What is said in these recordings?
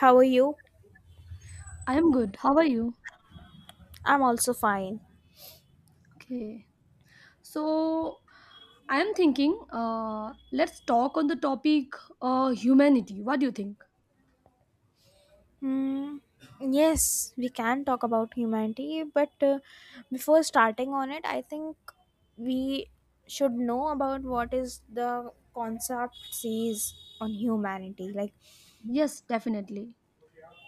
How are you? I am good. How are you? I'm also fine. Okay. So, I am thinking, let's talk on the topic humanity. What do you think? Hmm. Yes, we can talk about humanity, but before starting on it, I think we should know about what is the concept sees on humanity. Like, Yes, definitely.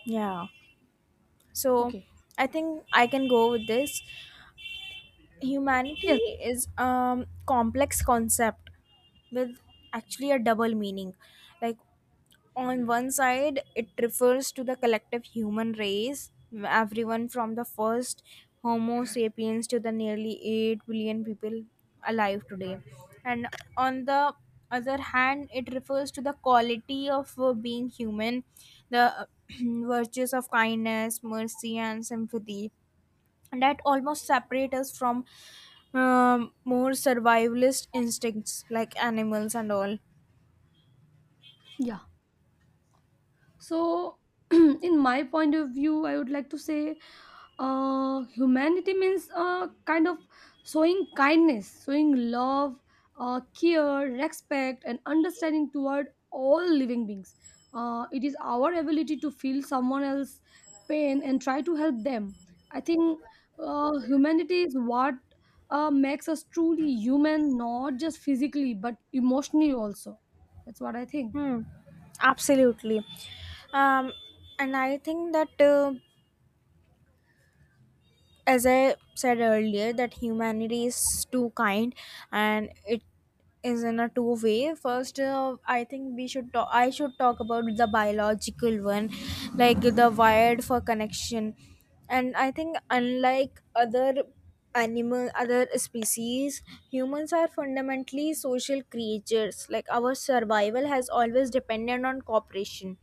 yeah. So, Okay. I think I can go with this. Humanity Yes. is a complex concept with actually a double meaning. Like, on one side it refers to the collective human race, everyone from the first homo sapiens to the nearly 8 billion people alive today. And on the other hand, it refers to the quality of being human, the virtues of kindness, mercy and sympathy that almost separate us from more survivalist instincts like animals and all. Yeah. So, in my point of view, I would like to say humanity means kind of showing kindness, showing love, care, respect, and understanding toward all living beings. It is our ability to feel someone else's pain and try to help them. I think humanity is what makes us truly human, not just physically, but emotionally also. That's what I think. Hmm, absolutely. Um, and I think that, as I said earlier, that humanity is too kind and it is in a two way. First, I think I should talk about the biological one, like the wired for connection. And I think, unlike other species, humans are fundamentally social creatures, like our survival has always depended on cooperation.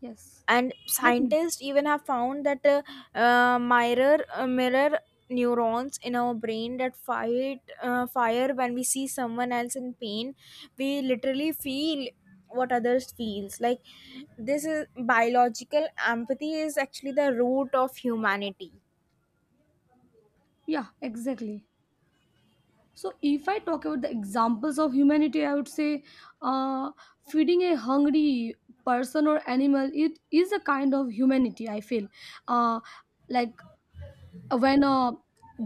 Yes. And Definitely. scientists even have found that mirror neurons in our brain that fight fire when we see someone else in pain. We literally feel what others feels like. This is biological empathy, is actually the root of humanity. Yeah, exactly. So, if I talk about the examples of humanity, I would say uh, feeding a hungry person or animal, it is a kind of humanity. I feel uh, like when a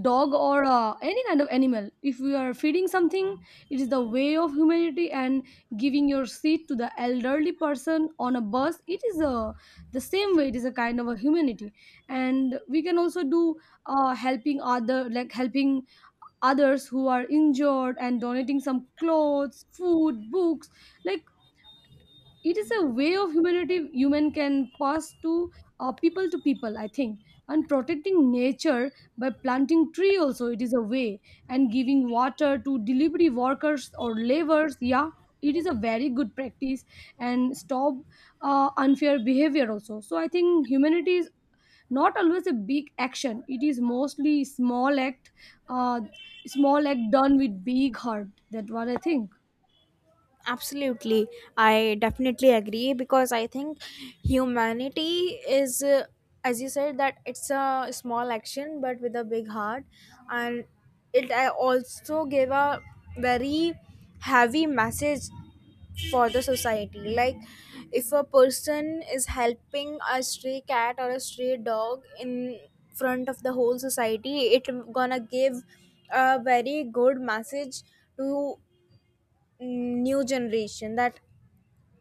dog or any kind of animal, if we are feeding something, it is the way of humanity. And giving your seat to the elderly person on a bus, it is a the same way. It is a kind of a humanity, and we can also do helping other, like helping others who are injured and donating some clothes, food, books, like, it is a way of humanity human can pass to people to people, I think. And protecting nature by planting tree also, it is a way. And giving water to delivery workers or laborers, yeah, it is a very good practice. And stop unfair behavior also. So I think humanity is not always a big action, it is mostly small act, uh, small act done with big heart. That what I think. Absolutely. I definitely agree because I think humanity is, as you said, that it's a small action but with a big heart. And it also gave a very heavy message for the society. Like, if a person is helping a stray cat or a stray dog in front of the whole society, it gonna give a very good message to new generation that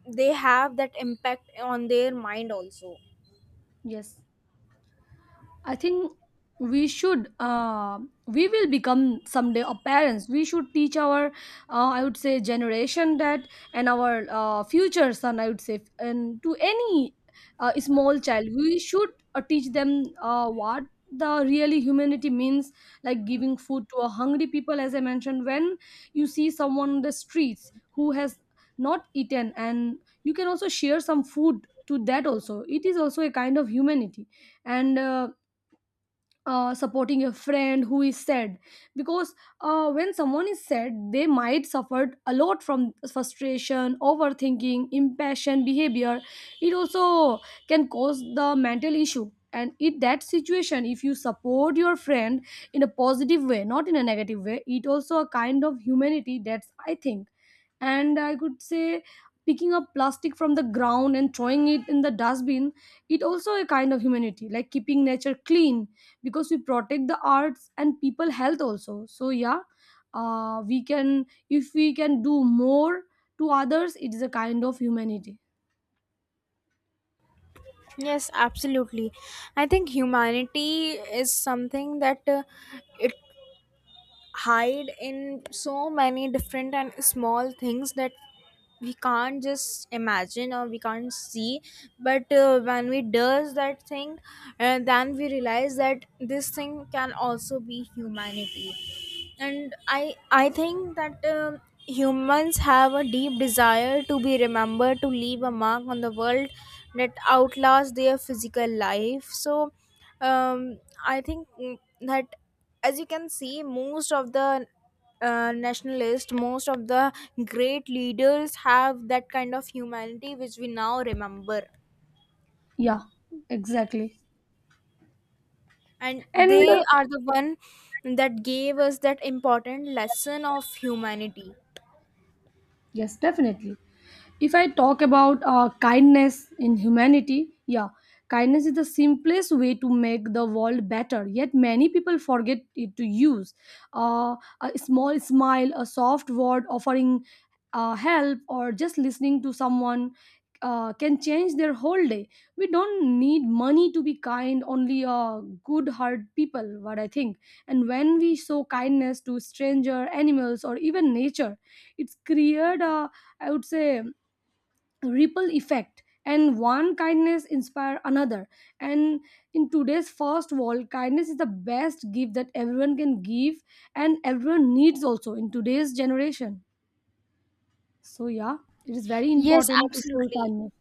they have that impact on their mind also. Yes, I think we should uh, we will become someday a parents, we should teach our I would say generation that, and our future son, I would say, and to any small child we should teach them what the really humanity means. Like giving food to a hungry people, as I mentioned, when you see someone on the streets who has not eaten and you can also share some food to that, also it is also a kind of humanity. And supporting a friend who is sad because when someone is sad they might suffer a lot from frustration, overthinking, impassioned behavior, it also can cause the mental issue. And in that situation if you support your friend in a positive way, not in a negative way, it also a kind of humanity. That's I think. And I could say picking up plastic from the ground and throwing it in the dustbin, it also a kind of humanity, like keeping nature clean because we protect the arts and people health also. So yeah, we can, if we can do more to others, it is a kind of humanity. Yes, absolutely. I think humanity is something that it hide in so many different and small things that we can't just imagine or we can't see. But when we does that thing and then we realize that this thing can also be humanity. And I think that humans have a deep desire to be remembered, to leave a mark on the world that outlasts their physical life. So um, I think that as you can see, most of the nationalists, most of the great leaders have that kind of humanity which we now remember. Yeah, exactly. And And they are the one that gave us that important lesson of humanity. yes, definitely. If I talk about kindness in humanity, yeah, kindness is the simplest way to make the world better, yet many people forget it to use. Uh, a small smile, a soft word, offering help, or just listening to someone can change their whole day. We don't need money to be kind, only good heart people, what I think. And when we show kindness to stranger, animals, or even nature, it's created a, I would say, ripple effect, and one kindness inspire another. And in today's fast world, kindness is the best gift that everyone can give, and everyone needs also in today's generation. So yeah, it is very Yes, important to show absolutely. kindness.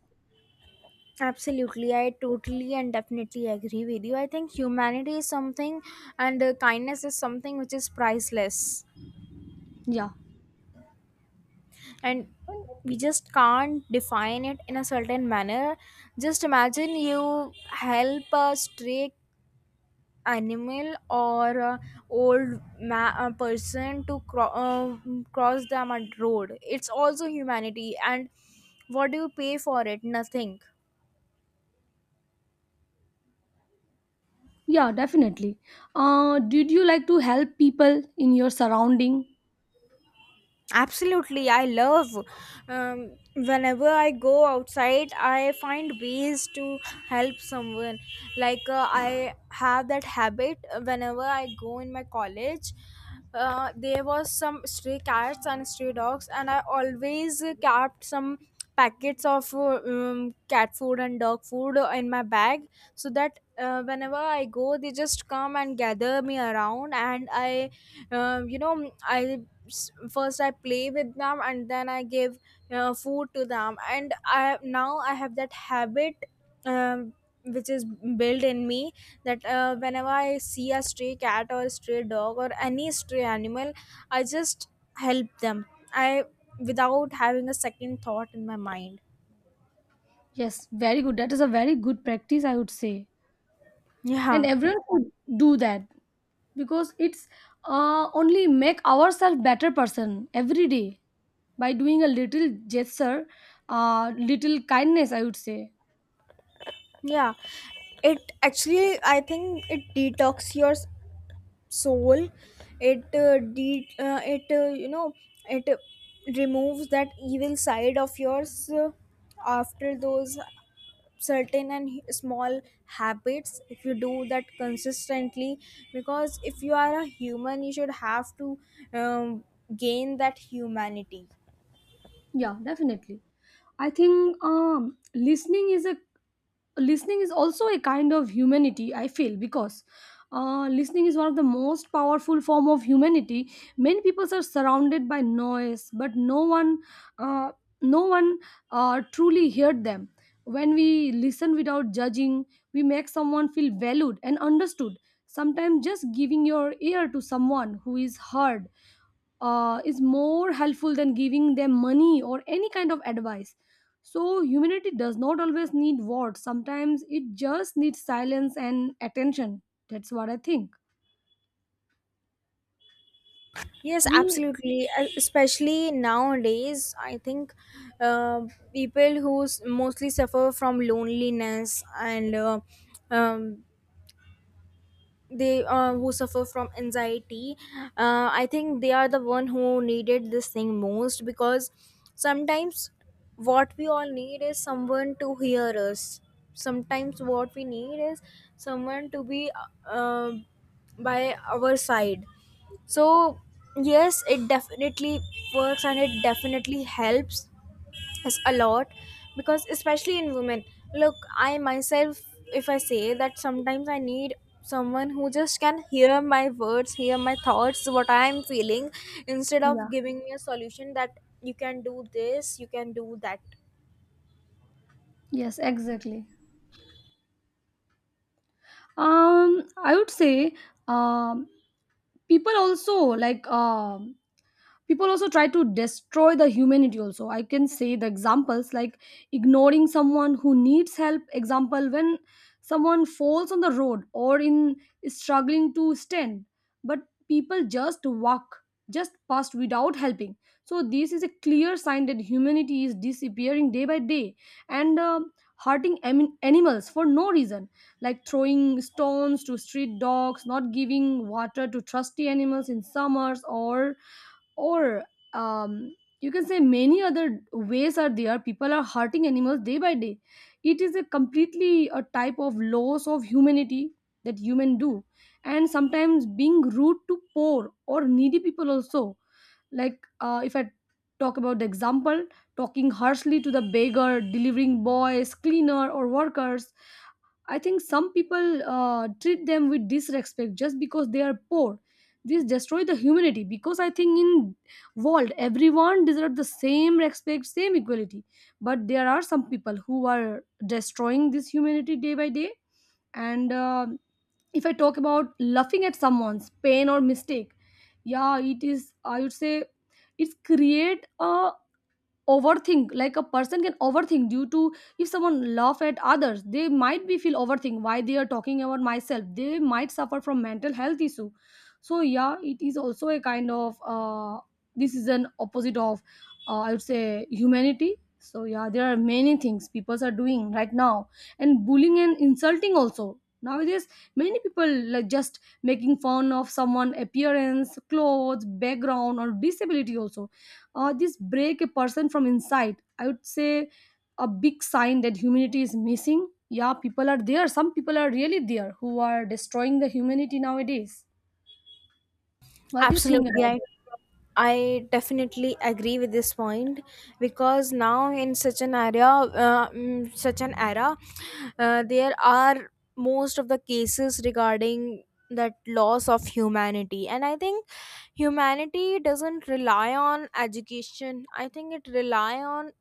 Absolutely, I totally and definitely agree with you. I think humanity is something, and kindness is something which is priceless. Yeah, And we just can't define it in a certain manner. Just imagine you help a stray animal or a person to cross the mud road. It's also humanity. And what do you pay for it? Nothing. yeah, definitely. Did you like to help people in your surrounding? Absolutely, I love. Whenever I go outside, I find ways to help someone. Like I have that habit. Whenever I go in my college, there was some stray cats and stray dogs, and I always kept some packets of cat food and dog food in my bag, so that whenever I go, they just come and gather me around, and I you know I s- first I play with them. And then I give food to them. And I now I have that habit, um, which is built in me, that whenever I see a stray cat or a stray dog or any stray animal, I just help them, I without having a second thought in my mind. Yes, very good, that is a very good practice, I would say. And Yeah, everyone could do that because it's only make ourselves better person every day, by doing a little gesture, little kindness, I would say. yeah, it actually, I think, it detox your soul. It it uh, removes that evil side of yours after those certain and small habits, if you do that consistently, because if you are a human you should have to um, gain that humanity. Yeah, definitely. I think listening is a listening is also a kind of humanity. I feel, because listening is one of the most powerful form of humanity. Many people are surrounded by noise, but uh, no one truly heard them. When we listen without judging, we make someone feel valued and understood. Sometimes just giving your ear to someone who is heard is more helpful than giving them money or any kind of advice. So, humanity does not always need words, sometimes it just needs silence and attention. That's what I think. Yes, We, absolutely. Especially nowadays, I think uh, people who mostly suffer from loneliness and um, they who suffer from anxiety, I think they are the one who needed this thing most, because sometimes what we all need is someone to hear us. Sometimes what we need is someone to be uh, by our side. So yes, it definitely works and it definitely helps. Yes, a lot, because especially in women, look, I myself, if I say that sometimes I need someone who just can hear my words, hear my thoughts, what I am feeling, instead yeah, of giving me a solution that you can do this, you can do that. yes, exactly. I would say, um, people also like, people also try to destroy the humanity also, I can say. The examples like ignoring someone who needs help, example when someone falls on the road or in struggling to stand, but people just walk, just past without helping. So this is a clear sign that humanity is disappearing day by day. And animals for no reason, like throwing stones to street dogs, not giving water to trusty animals in summers, or um, you can say many other ways are there, people are hurting animals day by day. It is a completely a type of loss of humanity that human do. And sometimes being rude to poor or needy people also, like if I talk about the example, talking harshly to the beggar, delivering boys, cleaner, or workers, I think some people treat them with disrespect just because they are poor. This destroy the humanity, because I think in world everyone deserves the same respect, same equality. But there are some people who are destroying this humanity day by day. And if I talk about laughing at someone's pain or mistake, yeah, it is, I would say, it's create a overthink, like a person can overthink, due to if someone laugh at others they might be feel overthink, why they are talking about myself, they might suffer from mental health issue. So yeah, it is also a kind of this is an opposite of I would say humanity. So yeah, there are many things people are doing right now, and bullying and insulting also nowadays, many people like just making fun of someone appearance, clothes, background, or disability also. This break a person from inside, I would say, a big sign that humanity is missing. Yeah, people are there, some people are really there who are destroying the humanity nowadays. What do you think Absolutely, about it? I definitely agree with this point, because now in such an area, such an era, there are most of the cases regarding that loss of humanity. And I think humanity doesn't rely on education. I think it rely on,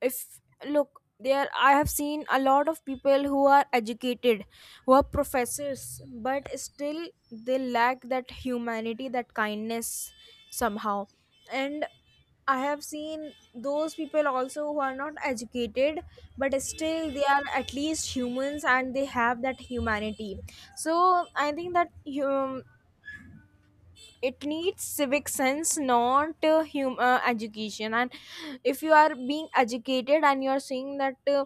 if look there, I have seen a lot of people who are educated, who are professors, but still they lack that humanity, that kindness, somehow. And I have seen those people also who are not educated, but still they are at least humans and they have that humanity. So I think that hum it needs civic sense, not education. And if you are being educated and you are saying that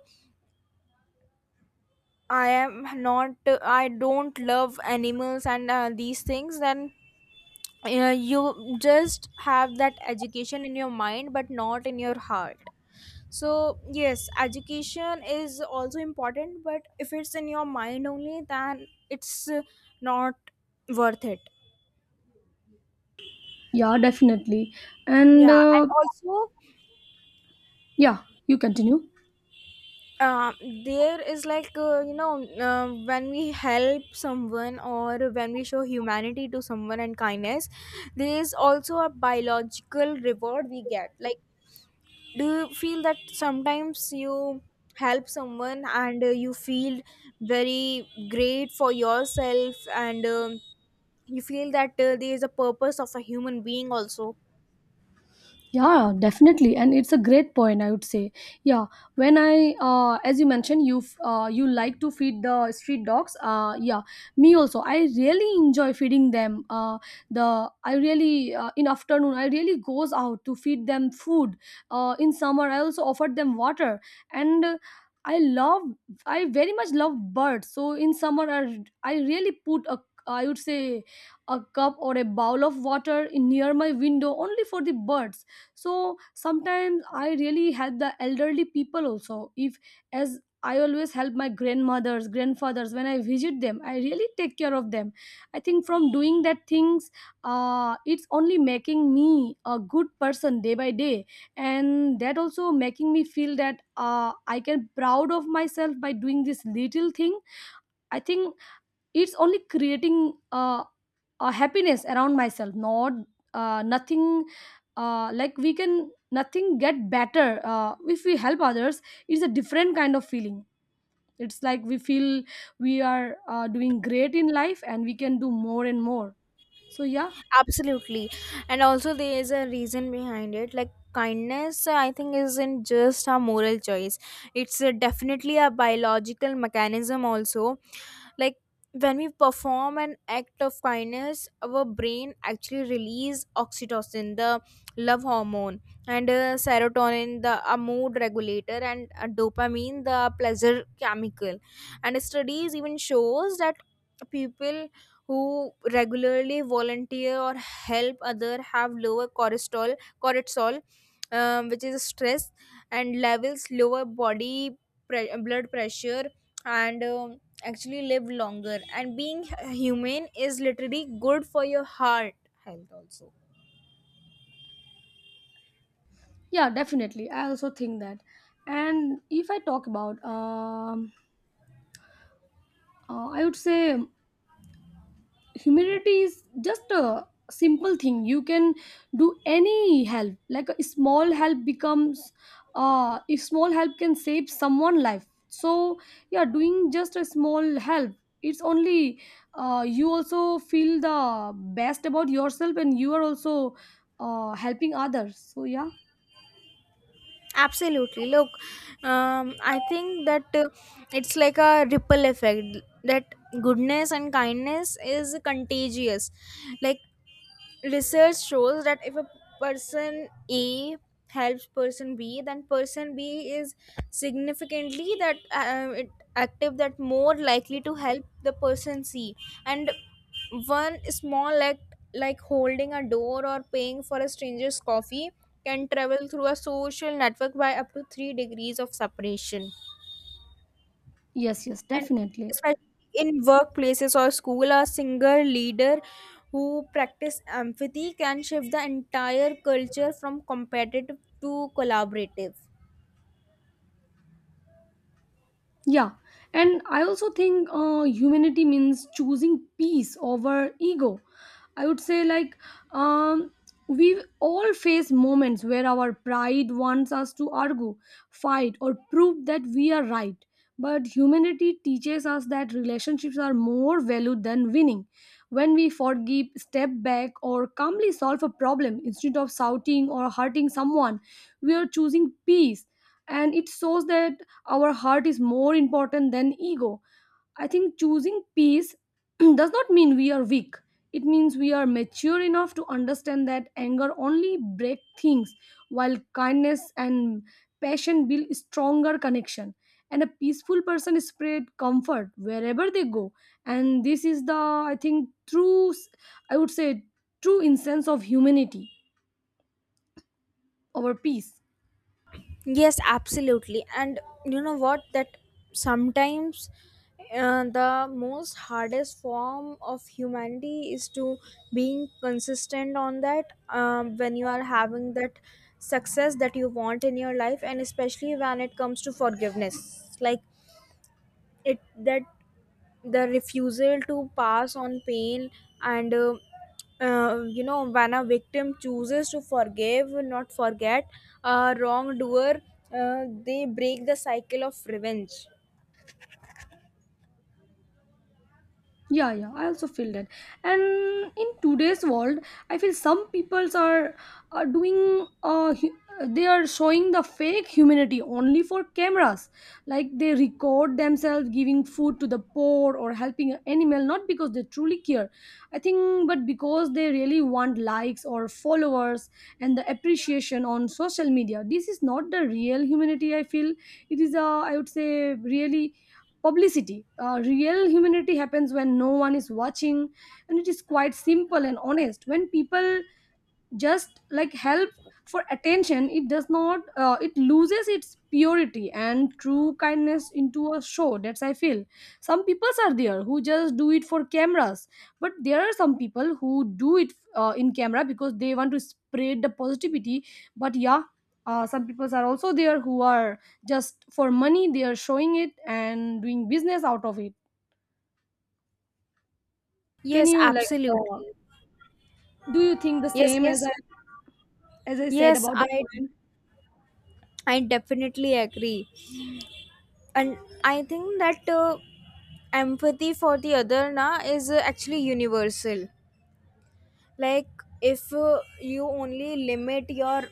I am not I don't love animals and these things, then you just have that education in your mind but not in your heart. So yes, education is also important, but if it's in your mind only, then it's not worth it. Yeah, definitely. And Yeah, and also yeah, you continue. uh, there is like, when we help someone or when we show humanity to someone and kindness, there is also a biological reward we get. Like, do you feel that sometimes you help someone and you feel very great for yourself, and you feel that there is a purpose of a human being also? Yeah, definitely, and it's a great point, I would say. Yeah. When I, as you mentioned, you like to feed the street dogs. Yeah, me also. I really enjoy feeding them. The I really in afternoon I really goes out to feed them food. In summer I also offered them water, and I love, I very much love birds. So in summer I really put a, I would say, a cup or a bowl of water in near my window only for the birds. So sometimes I really help the elderly people also, if, as I always help my grandmothers, grandfathers when I visit them, I really take care of them. I think from doing that things, it's only making me a good person day by day, and that also making me feel that I can proud of myself by doing this little thing. I think it's only creating a happiness around myself, not nothing like we can nothing get better if we help others. It's a different kind of feeling. It's like we feel we are doing great in life and we can do more and more. So yeah. Absolutely. And also there is a reason behind it. Like, kindness, I think, isn't just a moral choice. It's definitely a biological mechanism also. Like, when we perform an act of kindness, our brain actually release oxytocin, the love hormone, and serotonin, the a mood regulator, and dopamine, the pleasure chemical. And studies even shows that people who regularly volunteer or help other have lower cortisol, cortisol which is stress, and levels lower body blood pressure, and actually live longer. And being humane is literally good for your heart health also. Yeah, definitely, I also think that. And if I talk about I would say humidity is just a simple thing, you can do any help, like a small help becomes, if small help can save someone life. So yeah, doing just a small help, it's only, you also feel the best about yourself, and you are also helping others. So yeah, Absolutely, look, I think that it's like a ripple effect, that goodness and kindness is contagious. Like, research shows that if a person a helps person b, then person b is significantly that it active that more likely to help the person c. And one small act, like holding a door or paying for a stranger's coffee, can travel through a social network by up to 3 degrees of separation. yes, yes, And definitely. especially in workplaces or school, a single leader who practice empathy can shift the entire culture from competitive to collaborative. Yeah, and I also think humanity means choosing peace over ego. I would say, like, um, we all face moments where our pride wants us to argue, fight, or prove that we are right. But humanity teaches us that relationships are more valued than winning. When we forgive, step back, or calmly solve a problem instead of shouting or hurting someone, we are choosing peace, and it shows that our heart is more important than ego. I think choosing peace does not mean we are weak. It means we are mature enough to understand that anger only break things, while kindness and passion build stronger connection. And a peaceful person spread comfort wherever they go. And this is the, I think, true, I would say, true essence of humanity, our peace. Yes, absolutely. And you know what? That sometimes, the most hardest form of humanity is to being consistent on that, when you are having that success that you want in your life, and especially when it comes to forgiveness. Like it that the refusal to pass on pain. And when a victim chooses to forgive, not forget, a wrongdoer, they break the cycle of revenge. Yeah, yeah, I also feel that. And in today's world, I feel some peoples are doing they are showing the fake humanity only for cameras. Like they record themselves giving food to the poor or helping an animal not because they truly care. I think but because they really want likes or followers and the appreciation on social media. This is not the real humanity I feel. It is a, I would say, really publicity. Real humanity happens when no one is watching, and it is quite simple and honest. When people just like help for attention, it does not it loses its purity and true kindness into a show. That's, I feel, some peoples are there who just do it for cameras, but there are some people who do it, in camera, because they want to spread the positivity. But yeah, some peoples are also there who are just for money, they are showing it and doing business out of it. Can Yes, you like, absolutely. do you think the Yes, same as I, yes, as I said yes, about the i point? i definitely agree. And I think that empathy for the other na is actually universal. Like, if you only limit your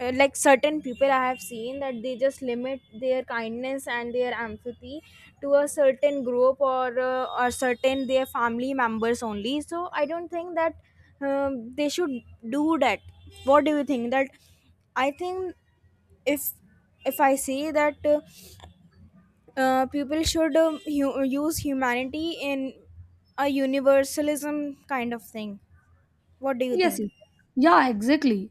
like certain people, I have seen that they just limit their kindness and their empathy to a certain group, or or certain their family members only. So I don't think that they should do that. What do you think? That, I think, if if I say that people should use humanity in a universalism kind of thing. What do you Yes, think? yes. Yeah, exactly.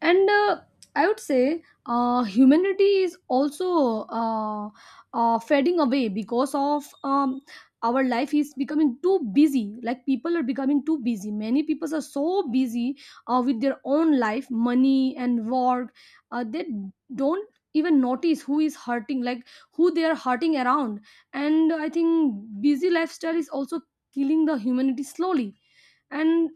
And I would say, humanity is also fading away because of, our life is becoming too busy. Like people are becoming too busy. Many people are so busy with their own life, money, and work. They don't even notice who is hurting, like who they are hurting around. And I think busy lifestyle is also killing the humanity slowly. And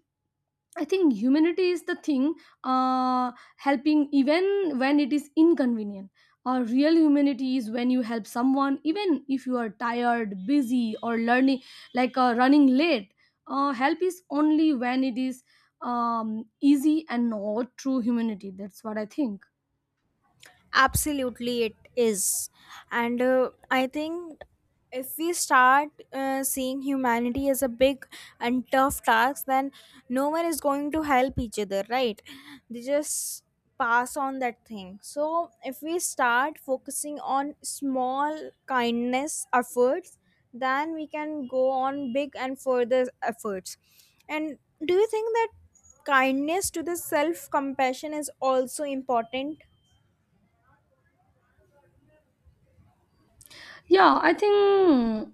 I think humanity is the thing, helping even when it is inconvenient. Or real humanity is when you help someone, even if you are tired, busy, or learning, like running late. Help is only when it is easy and not true humanity. That's what I think. Absolutely, it is. And I think if we start seeing humanity as a big and tough task, then no one is going to help each other, right? They just pass on that thing. So if we start focusing on small kindness efforts, then we can go on big and further efforts. And do you think that kindness to the self compassion is also important? Yeah, I think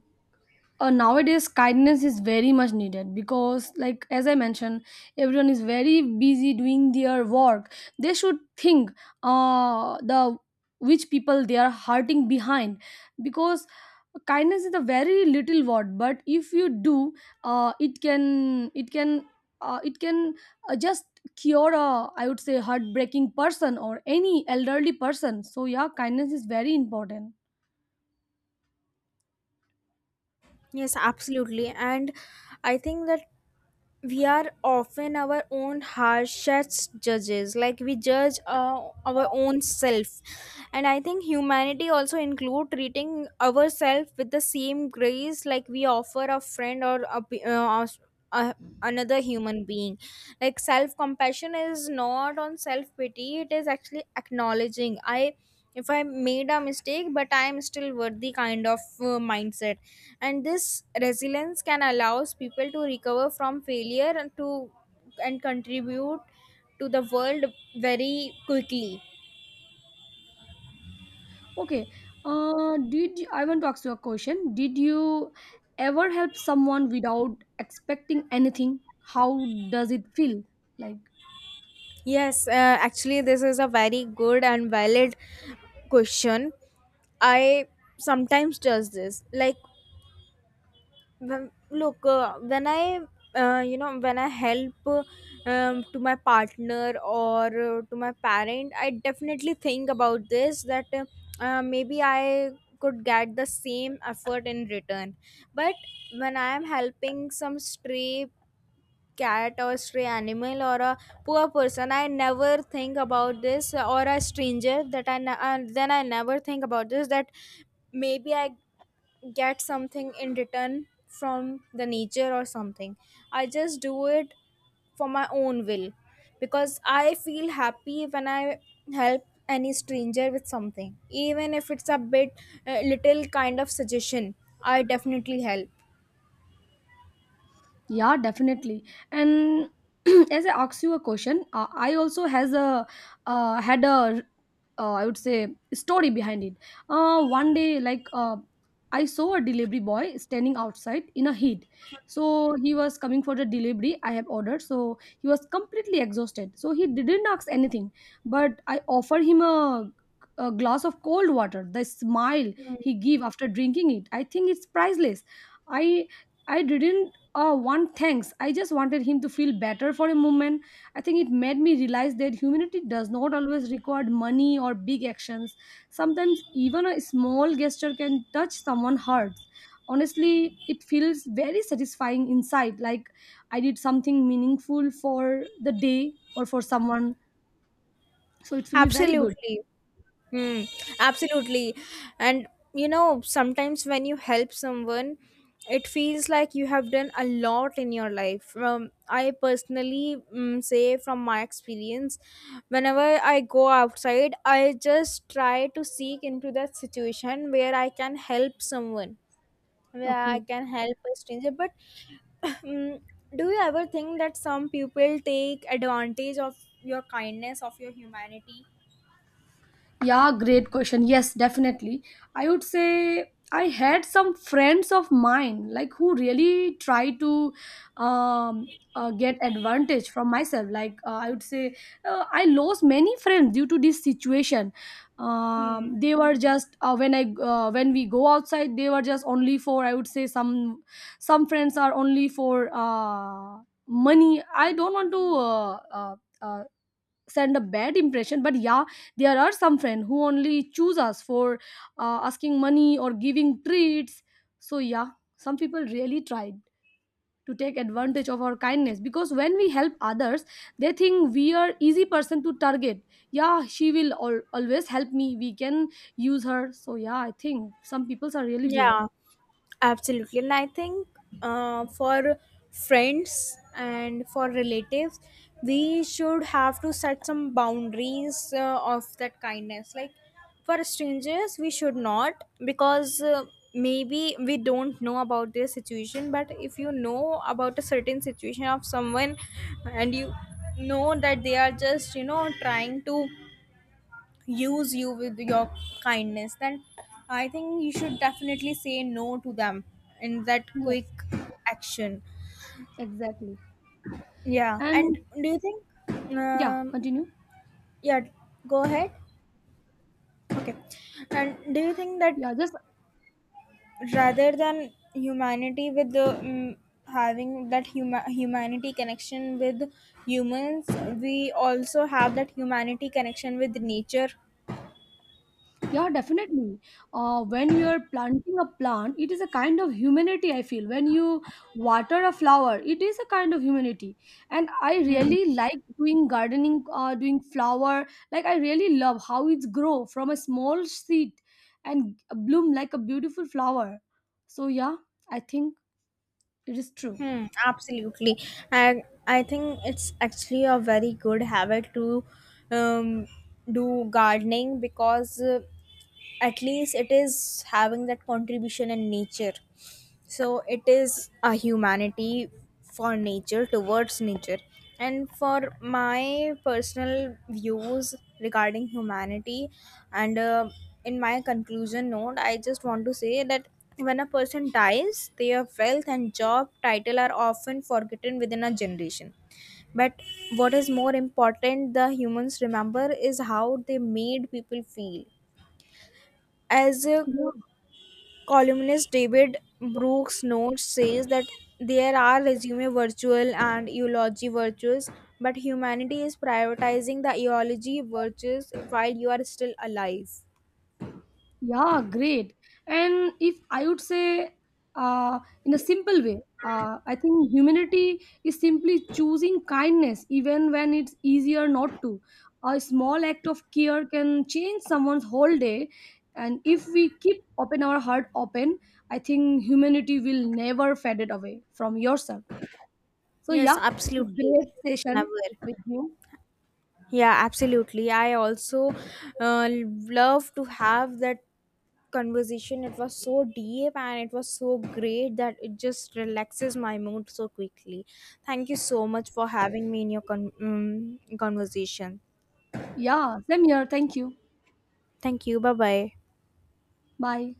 nowadays kindness is very much needed because, like as I mentioned, everyone is very busy doing their work. They should think the which people they are hurting behind, because kindness is a very little word, but if you do, it can it can it can just cure a, I would say, heartbreaking person or any elderly person. So yeah, kindness is very important. Yes, absolutely. And I think that we are often our own harshest judges. Like, we judge our own self. And I think humanity also include treating ourselves with the same grace, like we offer a friend or a, pe- us- a, another human being. Like, self compassion is not on self pity, it is actually acknowledging. I if I made a mistake but I am still worthy, kind of mindset, and this resilience can allows people to recover from failure and contribute to the world very quickly. Okay. I want to ask you a question. Did you ever help someone without expecting anything? How does it feel like? Yes, actually this is a very good and valid question. I sometimes does this. Like, well, look, when I help to my partner or to my parent, I definitely think about this, that maybe I could get the same effort in return. But when I am helping some stray cat or stray animal or a poor person, I never think about this, or a stranger, then I never think about this, that maybe I get something in return from the nature or something. I just do it for my own will, because I feel happy when I help any stranger with something, even if it's a bit little kind of suggestion, I definitely help. Yeah, definitely. And as I ask you a question, I also has a had a, I would say, story behind it. One day, like I saw a delivery boy standing outside in a heat. So he was coming for the delivery I have ordered. So he was completely exhausted. So he didn't ask anything, but I offer him a glass of cold water. The smile he gave after drinking it, I think it's priceless. I I didn't Oh, one thanks. I just wanted him to feel better for a moment. I think it made me realize that humanity does not always require money or big actions. Sometimes even a small gesture can touch someone's heart. Honestly, it feels very satisfying inside, like I did something meaningful for the day or for someone. So it will be very good. Absolutely. Hmm. Absolutely. And you know, sometimes when you help someone, it feels like you have done a lot in your life. I personally, say from my experience, whenever I go outside, I just try to seek into that situation where I can help someone, where I Okay. can help a stranger. But Mm, do you ever think that some people take advantage of your kindness, of your humanity? Yeah, great question. Yes, definitely. I would say I had some friends of mine like who really try to get advantage from myself. Like I would say, I lost many friends due to this situation. Hmm. They were just when we go outside, they were just only for, I would say, some friends are only for, money. I don't want to. Uh, Send a bad impression, but yeah, there are some friends who only choose us for asking money or giving treats. So yeah, some people really tried to take advantage of our kindness, because when we help others, they think we are easy person to target. Yeah, she will always help me, we can use her. So yeah, I think some people are really there. Yeah. Absolutely. And I think, for friends and for relatives, we should have to set some boundaries of that kindness. Like, for strangers, we should not, because maybe we don't know about their situation. But if you know about a certain situation of someone, and you know that they are just, trying to use you with your kindness, then I think you should definitely say no to them in that quick Yes, action. exactly. Yeah. And And do you think, yeah, um continue. yeah, go ahead. Okay. And do you think that, Yeah, just. rather than humanity with the having that humanity connection with humans, we also have that humanity connection with nature? Yeah, definitely. When you are planting a plant, it is a kind of humanity, I feel. When you water a flower, it is a kind of humanity. And I really like doing gardening, doing flower. Like, I really love how it's grow from a small seed and bloom like a beautiful flower. So, yeah, I think it is true. Hmm, absolutely. I think it's actually a very good habit to um, do gardening, because at least it is having that contribution in nature. So it is a humanity for nature, towards nature. And for my personal views regarding humanity, and in my conclusion note, I just want to say that when a person dies, their wealth and job title are often forgotten within a generation. But what is more important, the humans remember is how they made people feel. As a Yeah. Columnist David Brooks Notes says that there are resume virtues and eulogy virtues, but humanity is prioritizing the eulogy virtues while you are still alive. Yeah, great. And if I would say, in a simple way, I think humanity is simply choosing kindness even when it's easier not to. A small act of care can change someone's whole day. And if we keep open our heart open, I think humanity will never fade it away from yourself. So Yes, yeah, it's a absolutely. great Never. session with you. Yeah, absolutely. I also love to have that conversation. It was so deep and it was so great that it just relaxes my mood so quickly. Thank you so much for having me in your conversation. Yeah, same here. Thank you. Thank you. Bye bye. Bye.